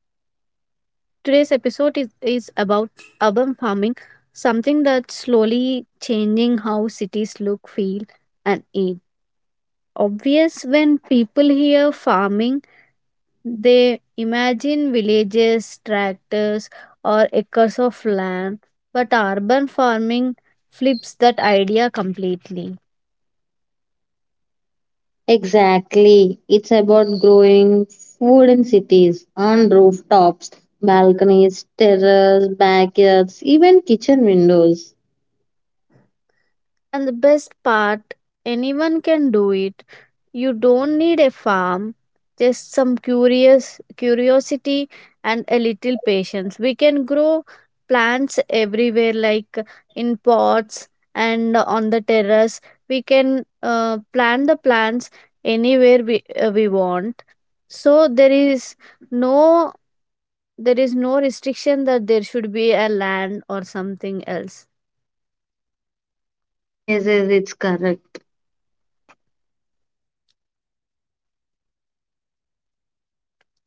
Today's episode is about urban farming, something that's slowly changing how cities look, feel, and eat. Obvious when people hear farming, they imagine villages, tractors, or acres of land, but urban farming flips that idea completely. Exactly. It's about growing food in cities, on rooftops, balconies, terraces, backyards, even kitchen windows. And the best part, anyone can do it. You don't need a farm, just some curious curiosity and a little patience. We can grow plants everywhere like in pots and on the terrace. We can plant the plants anywhere we want. So no there is no restriction that there should be a land or something else. Yes, yes, it's correct.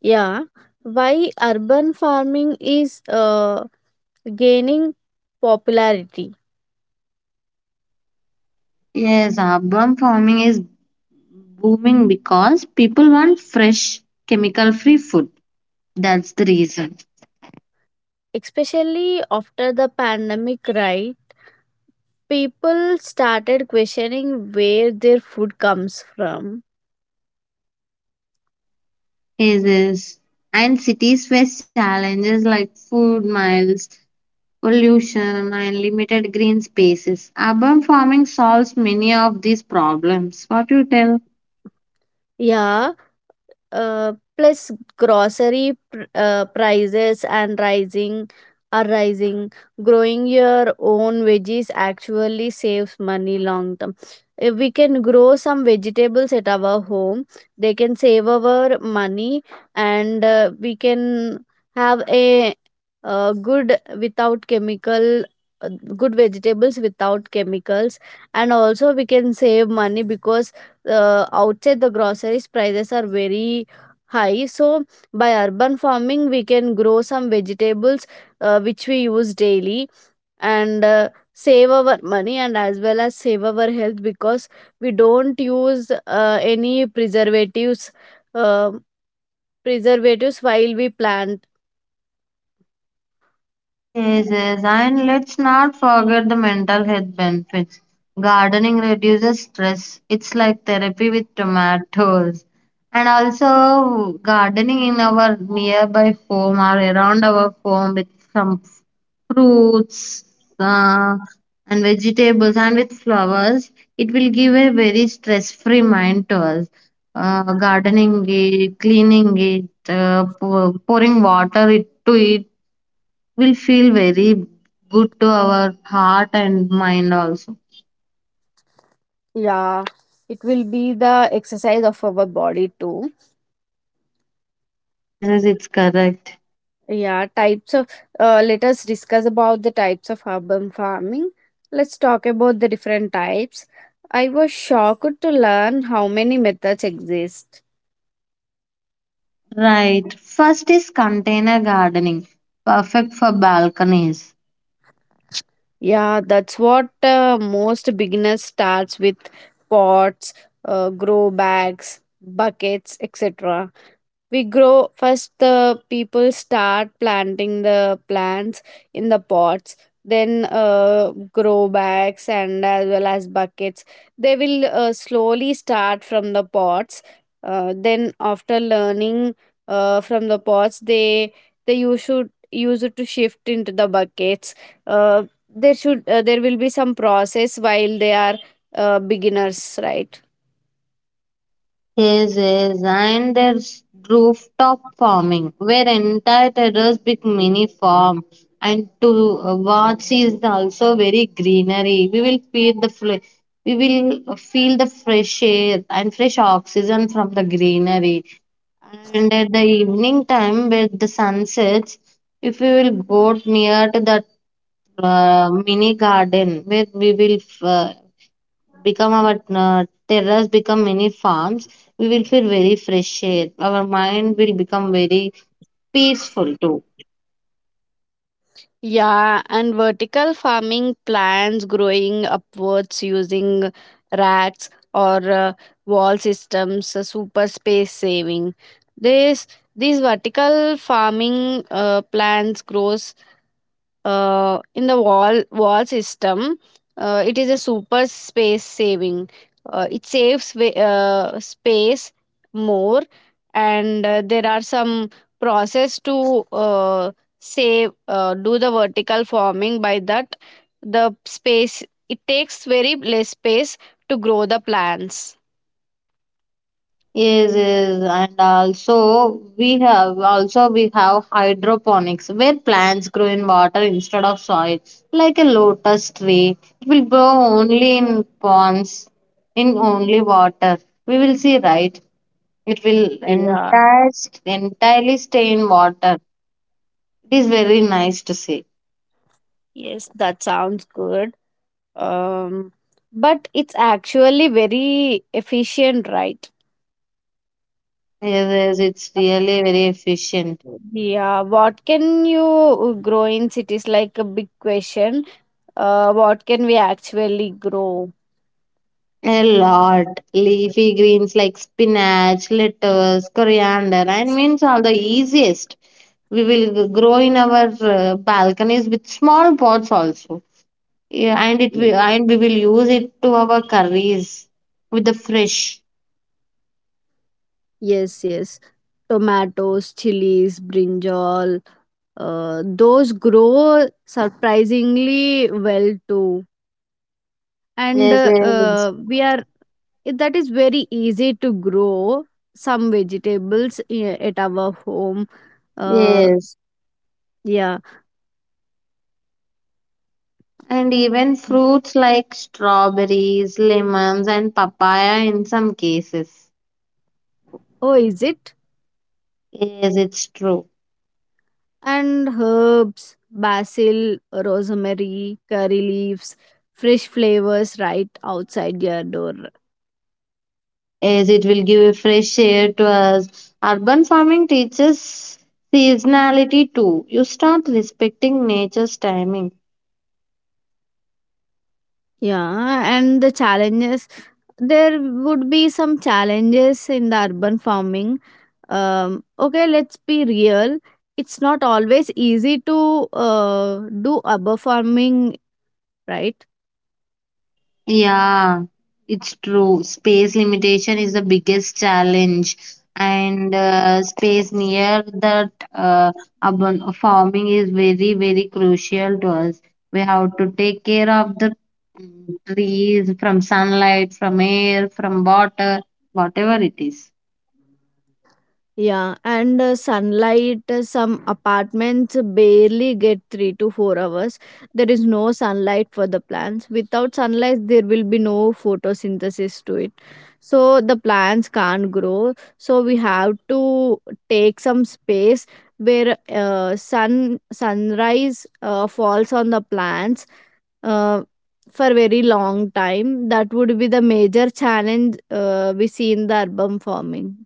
Yeah, why urban farming is gaining popularity, Yes, urban farming is booming because people want fresh, chemical free food. That's the reason. especially after the pandemic, right? People started questioning where their food comes from. Yes, yes. And cities face challenges like food miles, pollution, and limited green spaces. Urban farming solves many of these problems. What you tell? Yeah, plus grocery prices and rising are rising. Growing your own veggies actually saves money long term. If we can grow some vegetables at our home, they can save our money, and we can have a uh, good without chemical uh, good vegetables without chemicals. And also we can save money because outside the groceries prices are very high. So by urban farming, we can grow some vegetables which we use daily, and save our money, and as well as save our health because we don't use any uh, preservatives while we plant. Yes, yes, and let's not forget the mental health benefits. Gardening reduces stress. It's like therapy with tomatoes. And also, gardening in our nearby home or around our home with some fruits uh, and vegetables and with flowers, it will give a very stress-free mind to us. Gardening it, cleaning it, pouring water it to it will feel very good to our heart and mind also. Yeah, it will be the exercise of our body too. Yes, yes, it's correct. Yeah, types of let us discuss about the types of urban farming. Let's talk about the different types. I was shocked to learn how many methods exist. Right. First is container gardening, perfect for balconies. Yeah, that's what most beginners starts with pots, grow bags, buckets, etc. we grow first The people start planting the plants in the pots, then grow bags and as well as buckets. They will slowly start from the pots, then after learning from the pots, they you should use it to shift into the buckets. uh, there will be some process while they are beginners, right? Yes, yes, and there's rooftop farming, where entire terrace become mini farm. And to watch is also very greenery. We will feel the fresh air and fresh oxygen from the greenery. And at the evening time with the sunsets, if we will go near to that mini garden where we will uh, become our terrace become mini farms, we will feel very fresh air, our mind will become very peaceful too. Yeah, and vertical farming plants growing upwards using racks or wall systems, super space saving. This these vertical farming plants grows in the wall system. It is a super space saving. Space more. And there are some process to save do the vertical farming. By that, the space it takes very less space to grow the plants. Yes, yes, and also we have hydroponics where plants grow in water instead of soil, like a lotus tree. It will grow only in ponds, in only water. We will see, right? It will Yeah. entire entirely stay in water. It is very nice to see. Yes, that sounds good. um but it's actually very efficient, right? Yes, yes, it's really very efficient. Yeah, what can you grow in cities? Like, a big question. What can we actually grow? A lot. Leafy greens like spinach, lettuce, coriander, and mint are the easiest. We will grow in our balconies with small pots also. Yeah, and it will, and we will use it to our curries with the fresh. Yes, yes. Tomatoes, chilies, brinjal, those grow surprisingly well too. And Yes, yes, we are that is very easy to grow some vegetables at our home. Uh, yes. yeah. And even fruits like strawberries, lemons, and papaya in some cases. Oh, is it? Yes, it's true. And herbs, basil, rosemary, curry leaves, fresh flavors right outside your door. Yes, it will give a fresh air to us. Urban farming teaches seasonality too. You start respecting nature's timing. Yeah, and the challenges, there would be some challenges in the urban farming. Okay, let's be real. It's not always easy to do urban farming, right? Yeah, it's true. Space limitation is the biggest challenge, and space near that urban farming is very, very crucial to us. We have to take care of the trees from sunlight, from air, from water, whatever it is. Yeah, and sunlight, some apartments barely get 3 to 4 hours. There is no sunlight for the plants. Without sunlight, there will be no photosynthesis to it. So the plants can't grow. So we have to take some space where sunrise falls on the plants uh, for very long time. That would be the major challenge we see in the urban farming.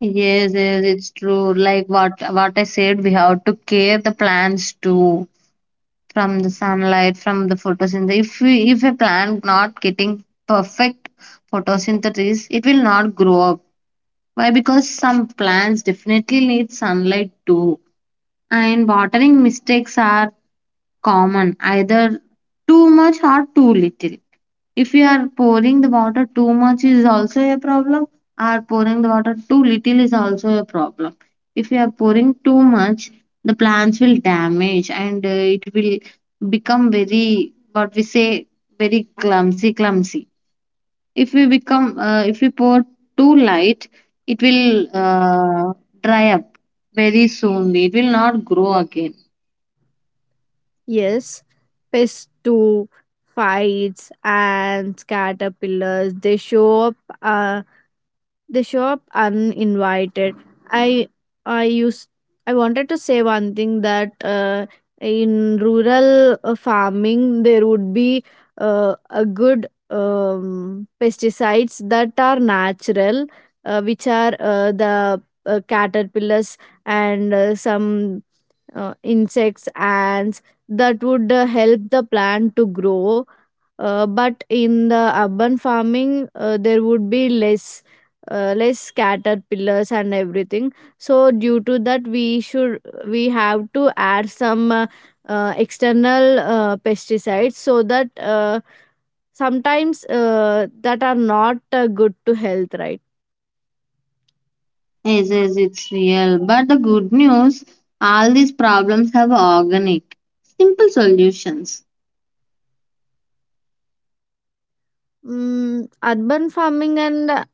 Yes, yes, it's true. Like what I said, we have to care the plants too, from the sunlight, from the photosynthesis. If a plant not getting perfect photosynthesis, it will not grow up. Why? Because some plants definitely need sunlight too. And watering mistakes are common, either too much or too little. If you are pouring the water too much is also a problem, or pouring the water too little is also a problem. If you are pouring too much, the plants will damage and it will become very, what we say, very clumsy, clumsy. If we become, if we pour too light, it will dry up very soon. It will not grow again. Yes, pests do fights and caterpillars. They show up. Uh, they show up uninvited. I I used I wanted to say one thing that in rural farming there would be a good pesticides that are natural, which are the caterpillars and some insects, and that would help the plant to grow, but in the urban farming there would be less caterpillars and everything. So due to that, we have to add some external pesticides so that sometimes that are not good to health, right? Yes, yes, it's real. But the good news, all these problems have organic, simple solutions. Urban farming and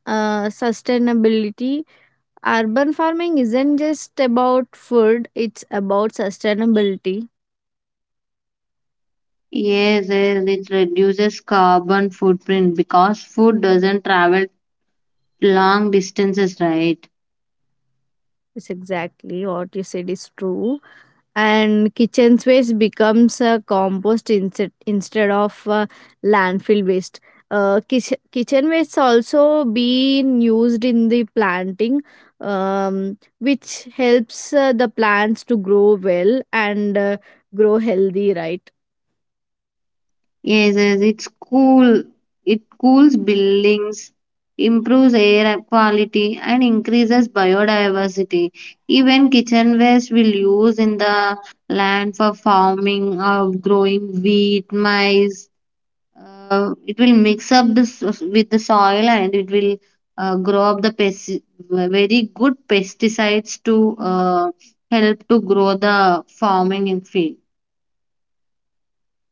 sustainability. Urban farming isn't just about food, it's about sustainability. Yes, yes, it reduces carbon footprint because food doesn't travel long distances, right? It's exactly what you said is true. And kitchen waste becomes a compost instead of landfill waste. Kitchen waste also being used in the planting, which helps the plants to grow well and grow healthy, right? Yes, yes, it's cool. It cools buildings, improves air quality, and increases biodiversity. Even kitchen waste will use in the land for farming or growing wheat, maize, it will mix up with the soil and it will grow up the pest, very good pesticides to help to grow the farming in field.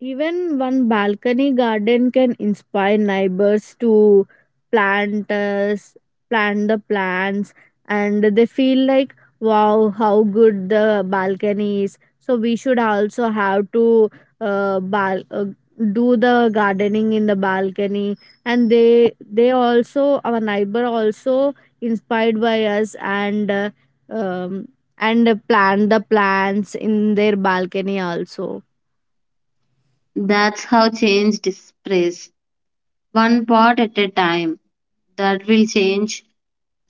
Even one balcony garden can inspire neighbors to plant us, plant the plants, and they feel like, wow, how good the balcony is. So we should also have to uh, bal- uh, do the gardening in the balcony, and they also our neighbor also inspired by us, um, and plant the plants in their balcony also. That's how change spreads, one part at a time. That will change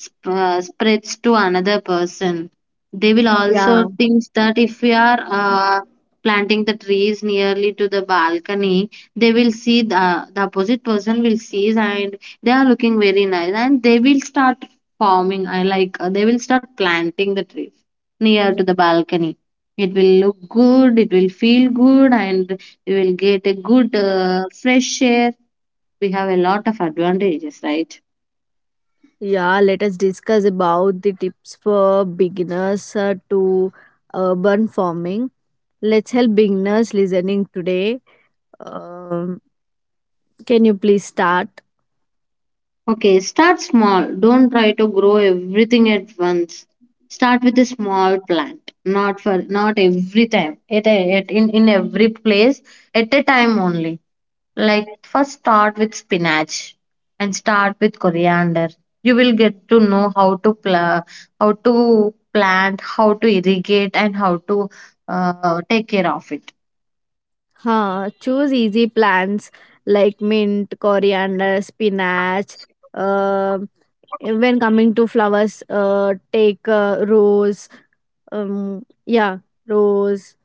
spreads to another person. They will also Yeah, think that if we are planting the trees nearly to the balcony, they will see the opposite person will see and they are looking very nice and they will start forming. I like they will start planting the trees near to the balcony. It will look good, it will feel good, and we will get a good fresh air. We have a lot of advantages, right? yeah, let us discuss about the tips for beginners to urban farming. Let's help beginners listening today. Um, can you please start? Okay, start small. Don't try to grow everything at once. Start with a small plant. Not for not every time. At, at in every place at a time only. Like first start with spinach and start with coriander. You will get to know how to pla how to plant, how to irrigate, and how to take care of it. Choose easy plants like mint, coriander, spinach. Uh, when coming to flowers, take rose. Yeah, rose.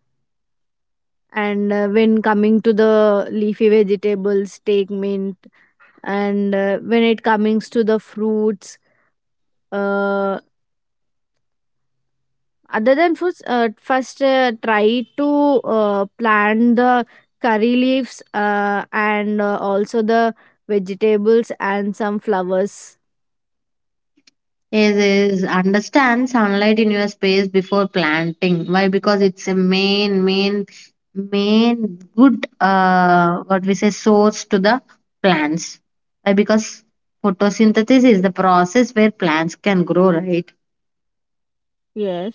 And when coming to the leafy vegetables, take mint. And when it comes to the fruits, uh, other than fruits, first try to plant the curry leaves, and also the vegetables and some flowers. Is Understand sunlight in your space before planting. Why? Because it's a main, main, main good, what we say, source to the plants. Why? Because photosynthesis is the process where plants can grow, right? Yes.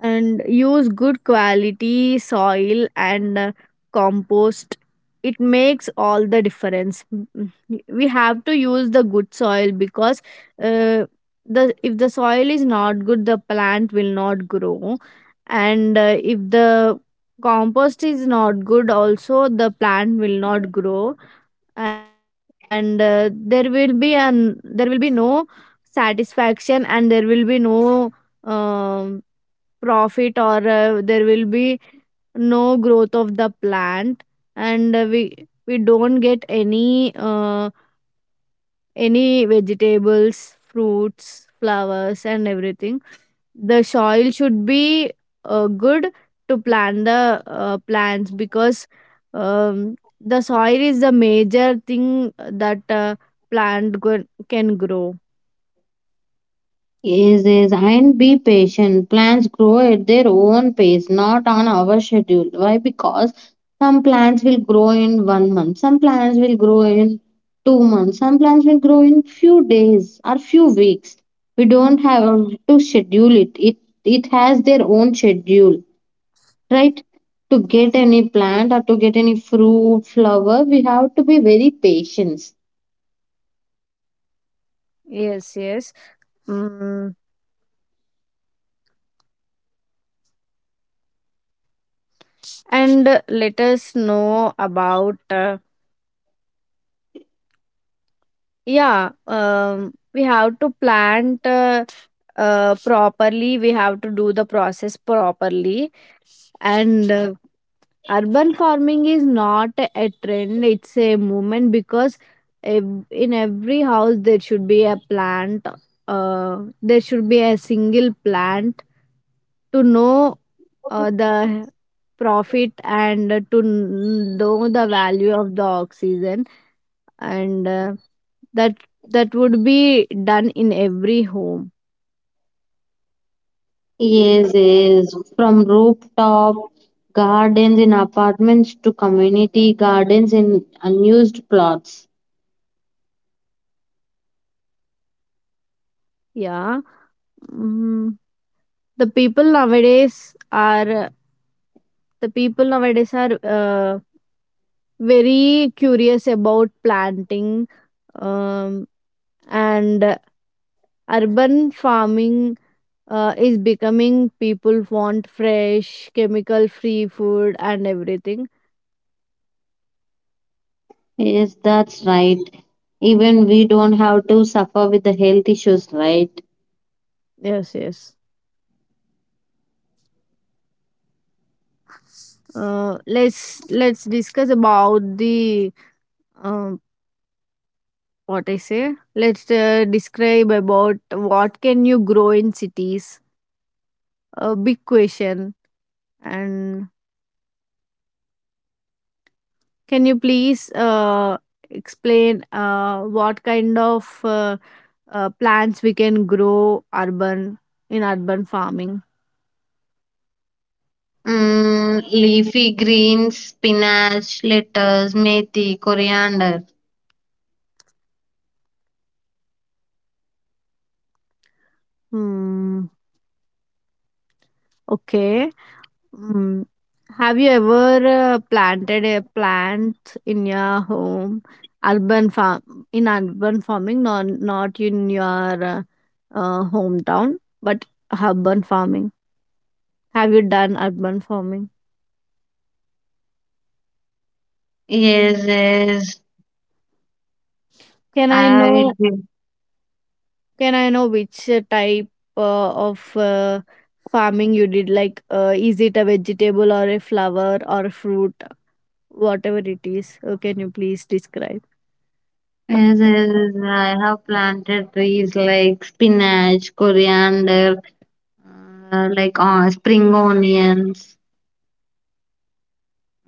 And use good quality soil and compost, it makes all the difference. We have to use the good soil because uh, the if the soil is not good, the plant will not grow. And if the compost is not good also, the plant will not grow. And there will be no satisfaction, and there will be no um profit, or there will be no growth of the plant. And we don't get any any vegetables, fruits, flowers, and everything. The soil should be good to plant the plants because the soil is the major thing that plant go- can grow. Yes, yes, and be patient. Plants grow at their own pace, not on our schedule. Why? Because some plants will grow in 1 month, some plants will grow in 2 months, some plants will grow in few days or few weeks. We don't have to schedule it. It has their own schedule, right? To get any plant or to get any fruit, flower, we have to be very patient. Yes, yes. Mm. And let us know about uh, yeah, we have to plant properly. We have to do the process properly. And urban farming is not a trend, it's a movement because in every house there should be a plant. There should be a single plant to know the profit and to know the value of the oxygen, and that that would be done in every home. Yes, yes. From rooftop gardens in apartments to community gardens in unused plots. Yeah. Mm. the people nowadays are uh, the people nowadays are very curious about planting, um, and urban farming is becoming. People want fresh chemical free food and everything. Yes, that's right. Even we don't have to suffer with the health issues, right? Yes, yes. Let's discuss about the um, what I say. Let's describe about what can you grow in cities. A big question. And can you please explain what kind of plants we can grow urban in urban farming? Mm, leafy greens, spinach, lettuce, methi, coriander. Hmm. Okay. Mm. Have you ever planted a plant in your home, urban farm in urban farming, not in your uh, hometown, but urban farming? Have you done urban farming? Yes, yes. Can I I know? do. Can I know which type of farming you did? Like, is it a vegetable or a flower or a fruit, whatever it is? Can you please describe? Yes, yes, yes, I have planted trees like spinach, coriander, like spring onions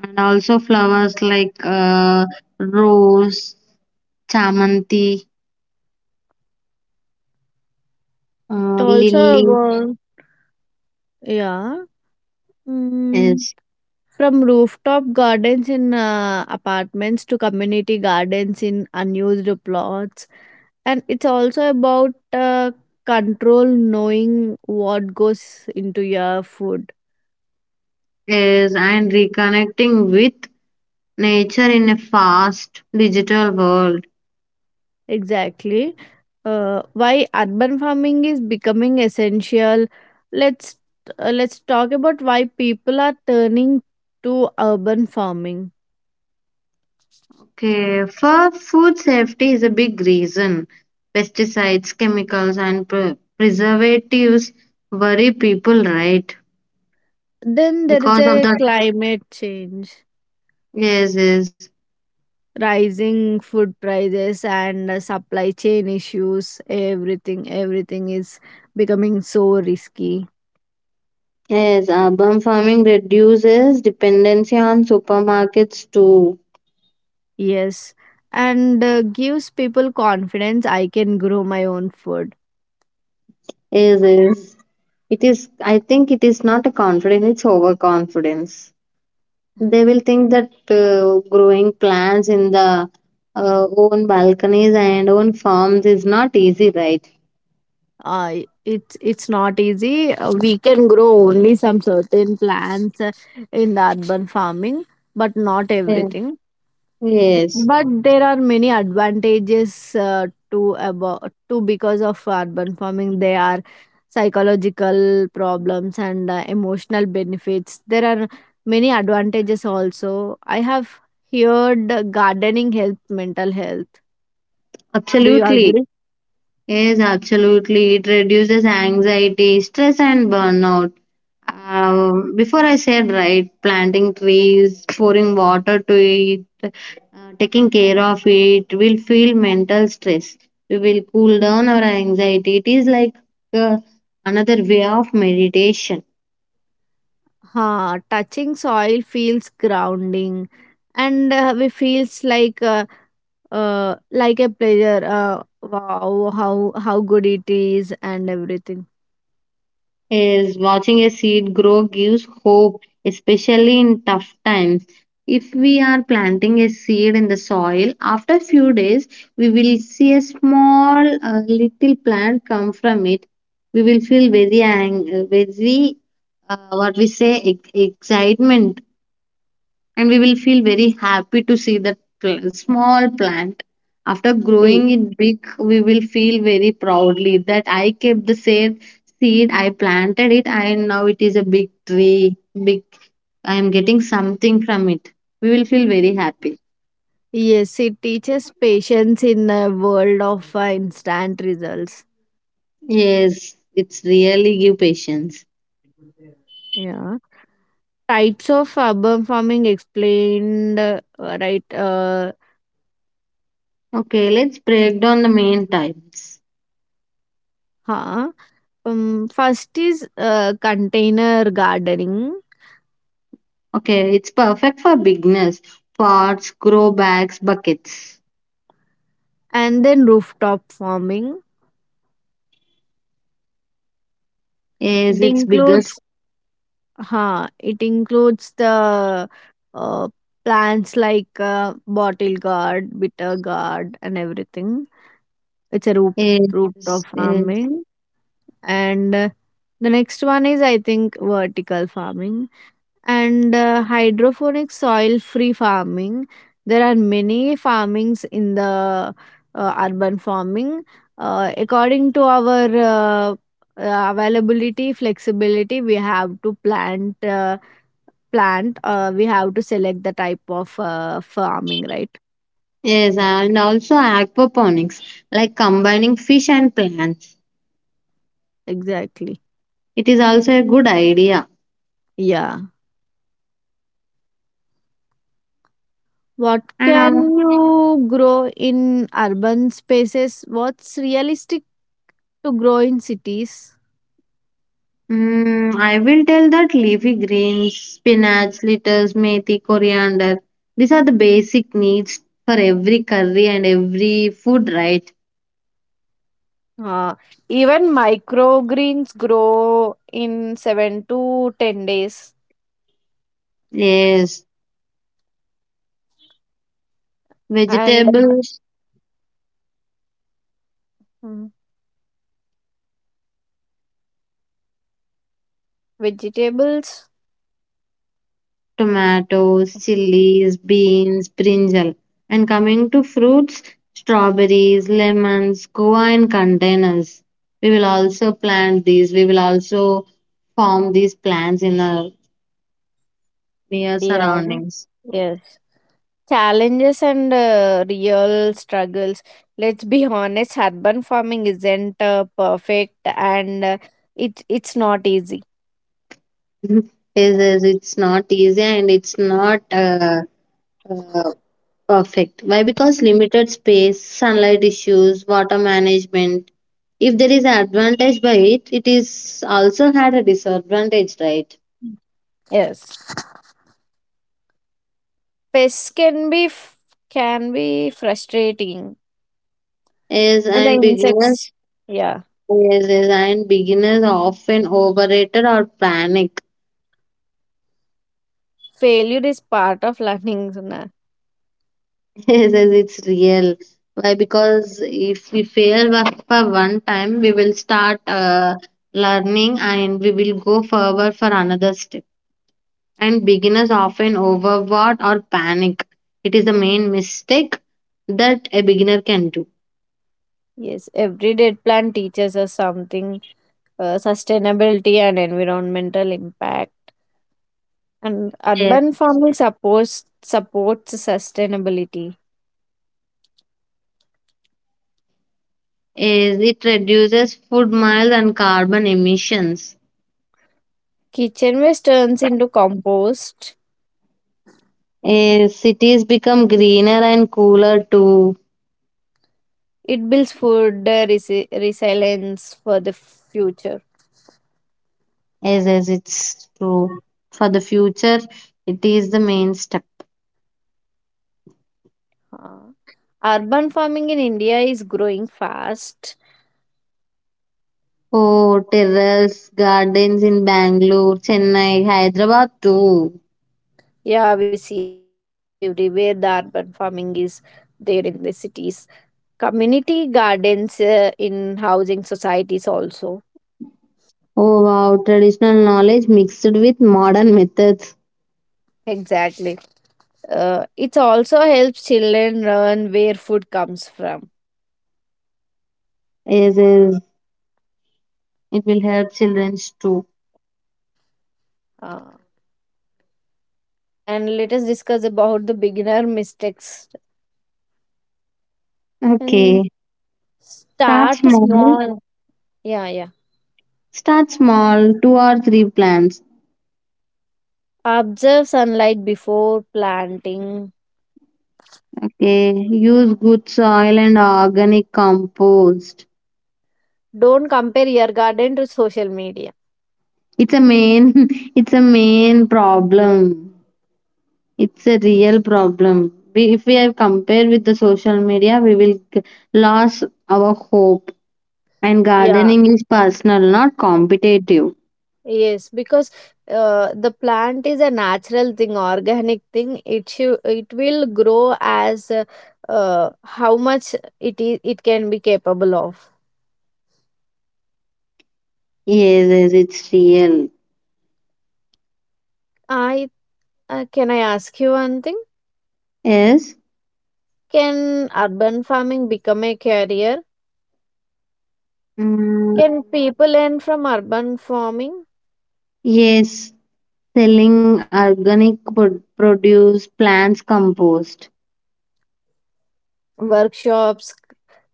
and also flowers like rose, chamanti, It also, lily. uh, yeah. Mm. Yes, From rooftop gardens in apartments to community gardens in unused plots. And it's also about control, knowing what goes into your food. yes, and reconnecting with nature in a fast digital world. Exactly. Why urban farming is becoming essential. Let's let's talk about why people are turning to urban farming. Okay, for food safety is a big reason. Pesticides, chemicals, and preservatives worry people, right? Then there is Because of a the climate change. Yes, yes. Rising food prices and supply chain issues, everything is becoming so risky. Yes, urban farming reduces dependency on supermarkets too. Yes, and gives people confidence, I can grow my own food. Yes, yes. It is, I think it is not a confidence, it's overconfidence. They will think that growing plants in the own balconies and own farms is not easy, right? Uh, it's it's not easy. We can grow only some certain plants in the urban farming, but not Yes, everything. yes, But there are many advantages to about to because of urban farming. They are psychological problems and emotional benefits. There are many advantages also. I have heard gardening helps mental health. Do you absolutely. agree? Yes, absolutely. It reduces anxiety, stress, and burnout. Before I said right, planting trees, pouring water to it, taking care of it, will feel mental stress. We will cool down our anxiety. It is like uh, another way of meditation. Touching soil feels grounding, and we feels like a pleasure. Wow, how good it is and everything. Is watching a seed grow gives hope, especially in tough times. If we are planting a seed in the soil, after few days, we will see a small little plant come from it. We will feel very, very what we say, excitement, and we will feel very happy to see that small plant. After Yes. growing it big, we will feel very proudly that I kept the same seed, I planted it, and now it is a big tree, big. I am getting something from it. We will feel very happy. Yes, it teaches patience in a world of instant results. Yes, it's really give patience. Yeah. Types of urban farming explained, right? Okay, let's break down the main types. Huh? First is container gardening, Okay, it's perfect for beginners. Pots, grow bags, buckets. and then rooftop farming. Yes, it it's bigger. includes huh, it includes the uh, plants like bottle gourd, bitter gourd, and everything. It's a rooftop Yes, yes. farming, and the next one is, I think, vertical farming, and hydroponic soil free farming. There are many farmings in the urban farming, according to our availability, flexibility. We have to plant we have to select the type of farming, right? Yes, and also aquaponics, like combining fish and plants. Exactly. It is also a good idea. Yeah. What And can you grow in urban spaces? What's realistic to grow in cities? mm, I will tell that leafy greens, spinach, lettuce, methi, coriander, these are the basic needs for every curry and every food, right? Uh, Even microgreens grow in 7 to 10 days. Yes, And vegetables, Hmm. vegetables. tomatoes, chilies, beans, brinjal. And coming to fruits, strawberries, lemons, guava in containers. We will also plant these. We will also form these plants in our near Yeah. surroundings. Yes, challenges and real struggles. Let's be honest, urban farming isn't perfect, and it's not easy. Is It's not easy and it's not uh, perfect. Why? Because limited space, sunlight issues, water management. If there is an advantage by it, it is also had a disadvantage, right? Yes, pests can be can be frustrating. Yes, And the and insects. beginners, Yeah. yes, yes, and beginners often overrated or panic. Failure is part of learning Suna. Yes, yes, it's real. Why? Because if we fail for one time, we will start learning and we will go forward for another step. And beginners often overwork or panic. It is the main mistake that a beginner can do. Yes, every dead plant teaches us something. Sustainability and environmental impact. And Yes. urban farming supports sustainability. Yes, it reduces food miles and carbon emissions. Kitchen waste turns into compost. Eh, cities become greener and cooler too, It builds food resilience for the future. As it's true. For the future, it is the main step. Uh, Urban farming in India is growing fast. Oh, terrace gardens in Bangalore, Chennai, Hyderabad too. Yeah, we see everywhere the urban farming is there in the cities, community gardens in housing societies also. Oh wow, traditional knowledge mixed with modern methods. Exactly. It also helps children learn where food comes from. Yes, yes. It will help children too. Uh, and let us discuss about the beginner mistakes, and Okay, start start small. small. Yeah, yeah. Start small, two or three plants. Observe sunlight before planting. Okay, use good soil and organic compost. Don't compare your garden to social media. It's a main it's a main problem. It's a real problem. We, if we have compared with the social media, lose our hope. And Yeah. gardening is personal, not competitive. Yes, because the plant is a natural thing, organic thing. It will grow as how much it is it can be capable of. Yes, yes, it's real. I Can I ask you one thing? Yes. Can urban farming become a career? Mm, Can people learn from urban farming? yes. Selling organic produce, plants compost. Workshops,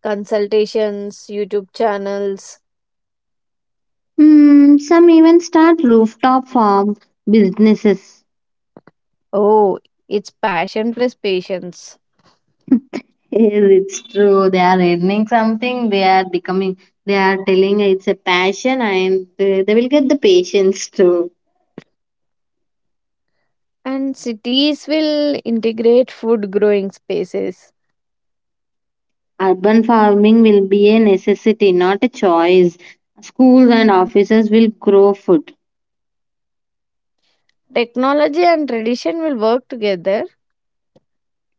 consultations, YouTube channels. Mm, some even start rooftop farm businesses. Oh, it's passion plus patience. Yes, it's true. They are earning something. They are becoming. They are telling it's a passion, and they will get the patience too. And cities will integrate food growing spaces. Urban farming will be a necessity, not a choice. Schools and offices will grow food. Technology and tradition will work together.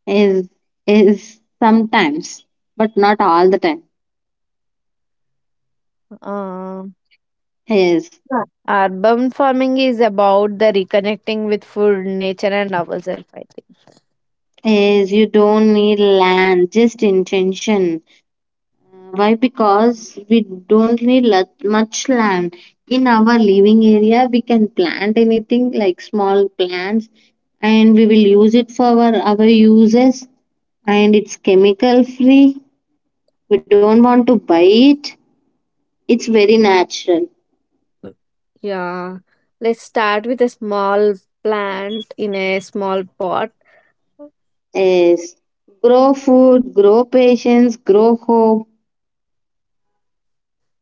Is is Sometimes, but not all the time. Uh, Yes, Yeah. Urban farming is about the reconnecting with food, nature, and ourselves, I yes. You don't need land, just intention. Why? Because we don't need much land. In our living area, we can plant anything like small plants and we will use it for our uses, and it's chemical free. We don't want to buy it. It's very natural. think. Yeah. Let's start with a small plant in a small pot. Yes. Grow food, grow patience, grow hope.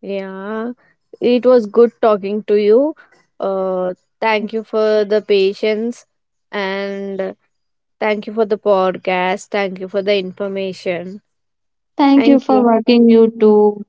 Yeah, it was good talking to you. Uh, Thank you for the patience, and thank you for the podcast. Thank you for the information. Thank you Thank for you. working you too.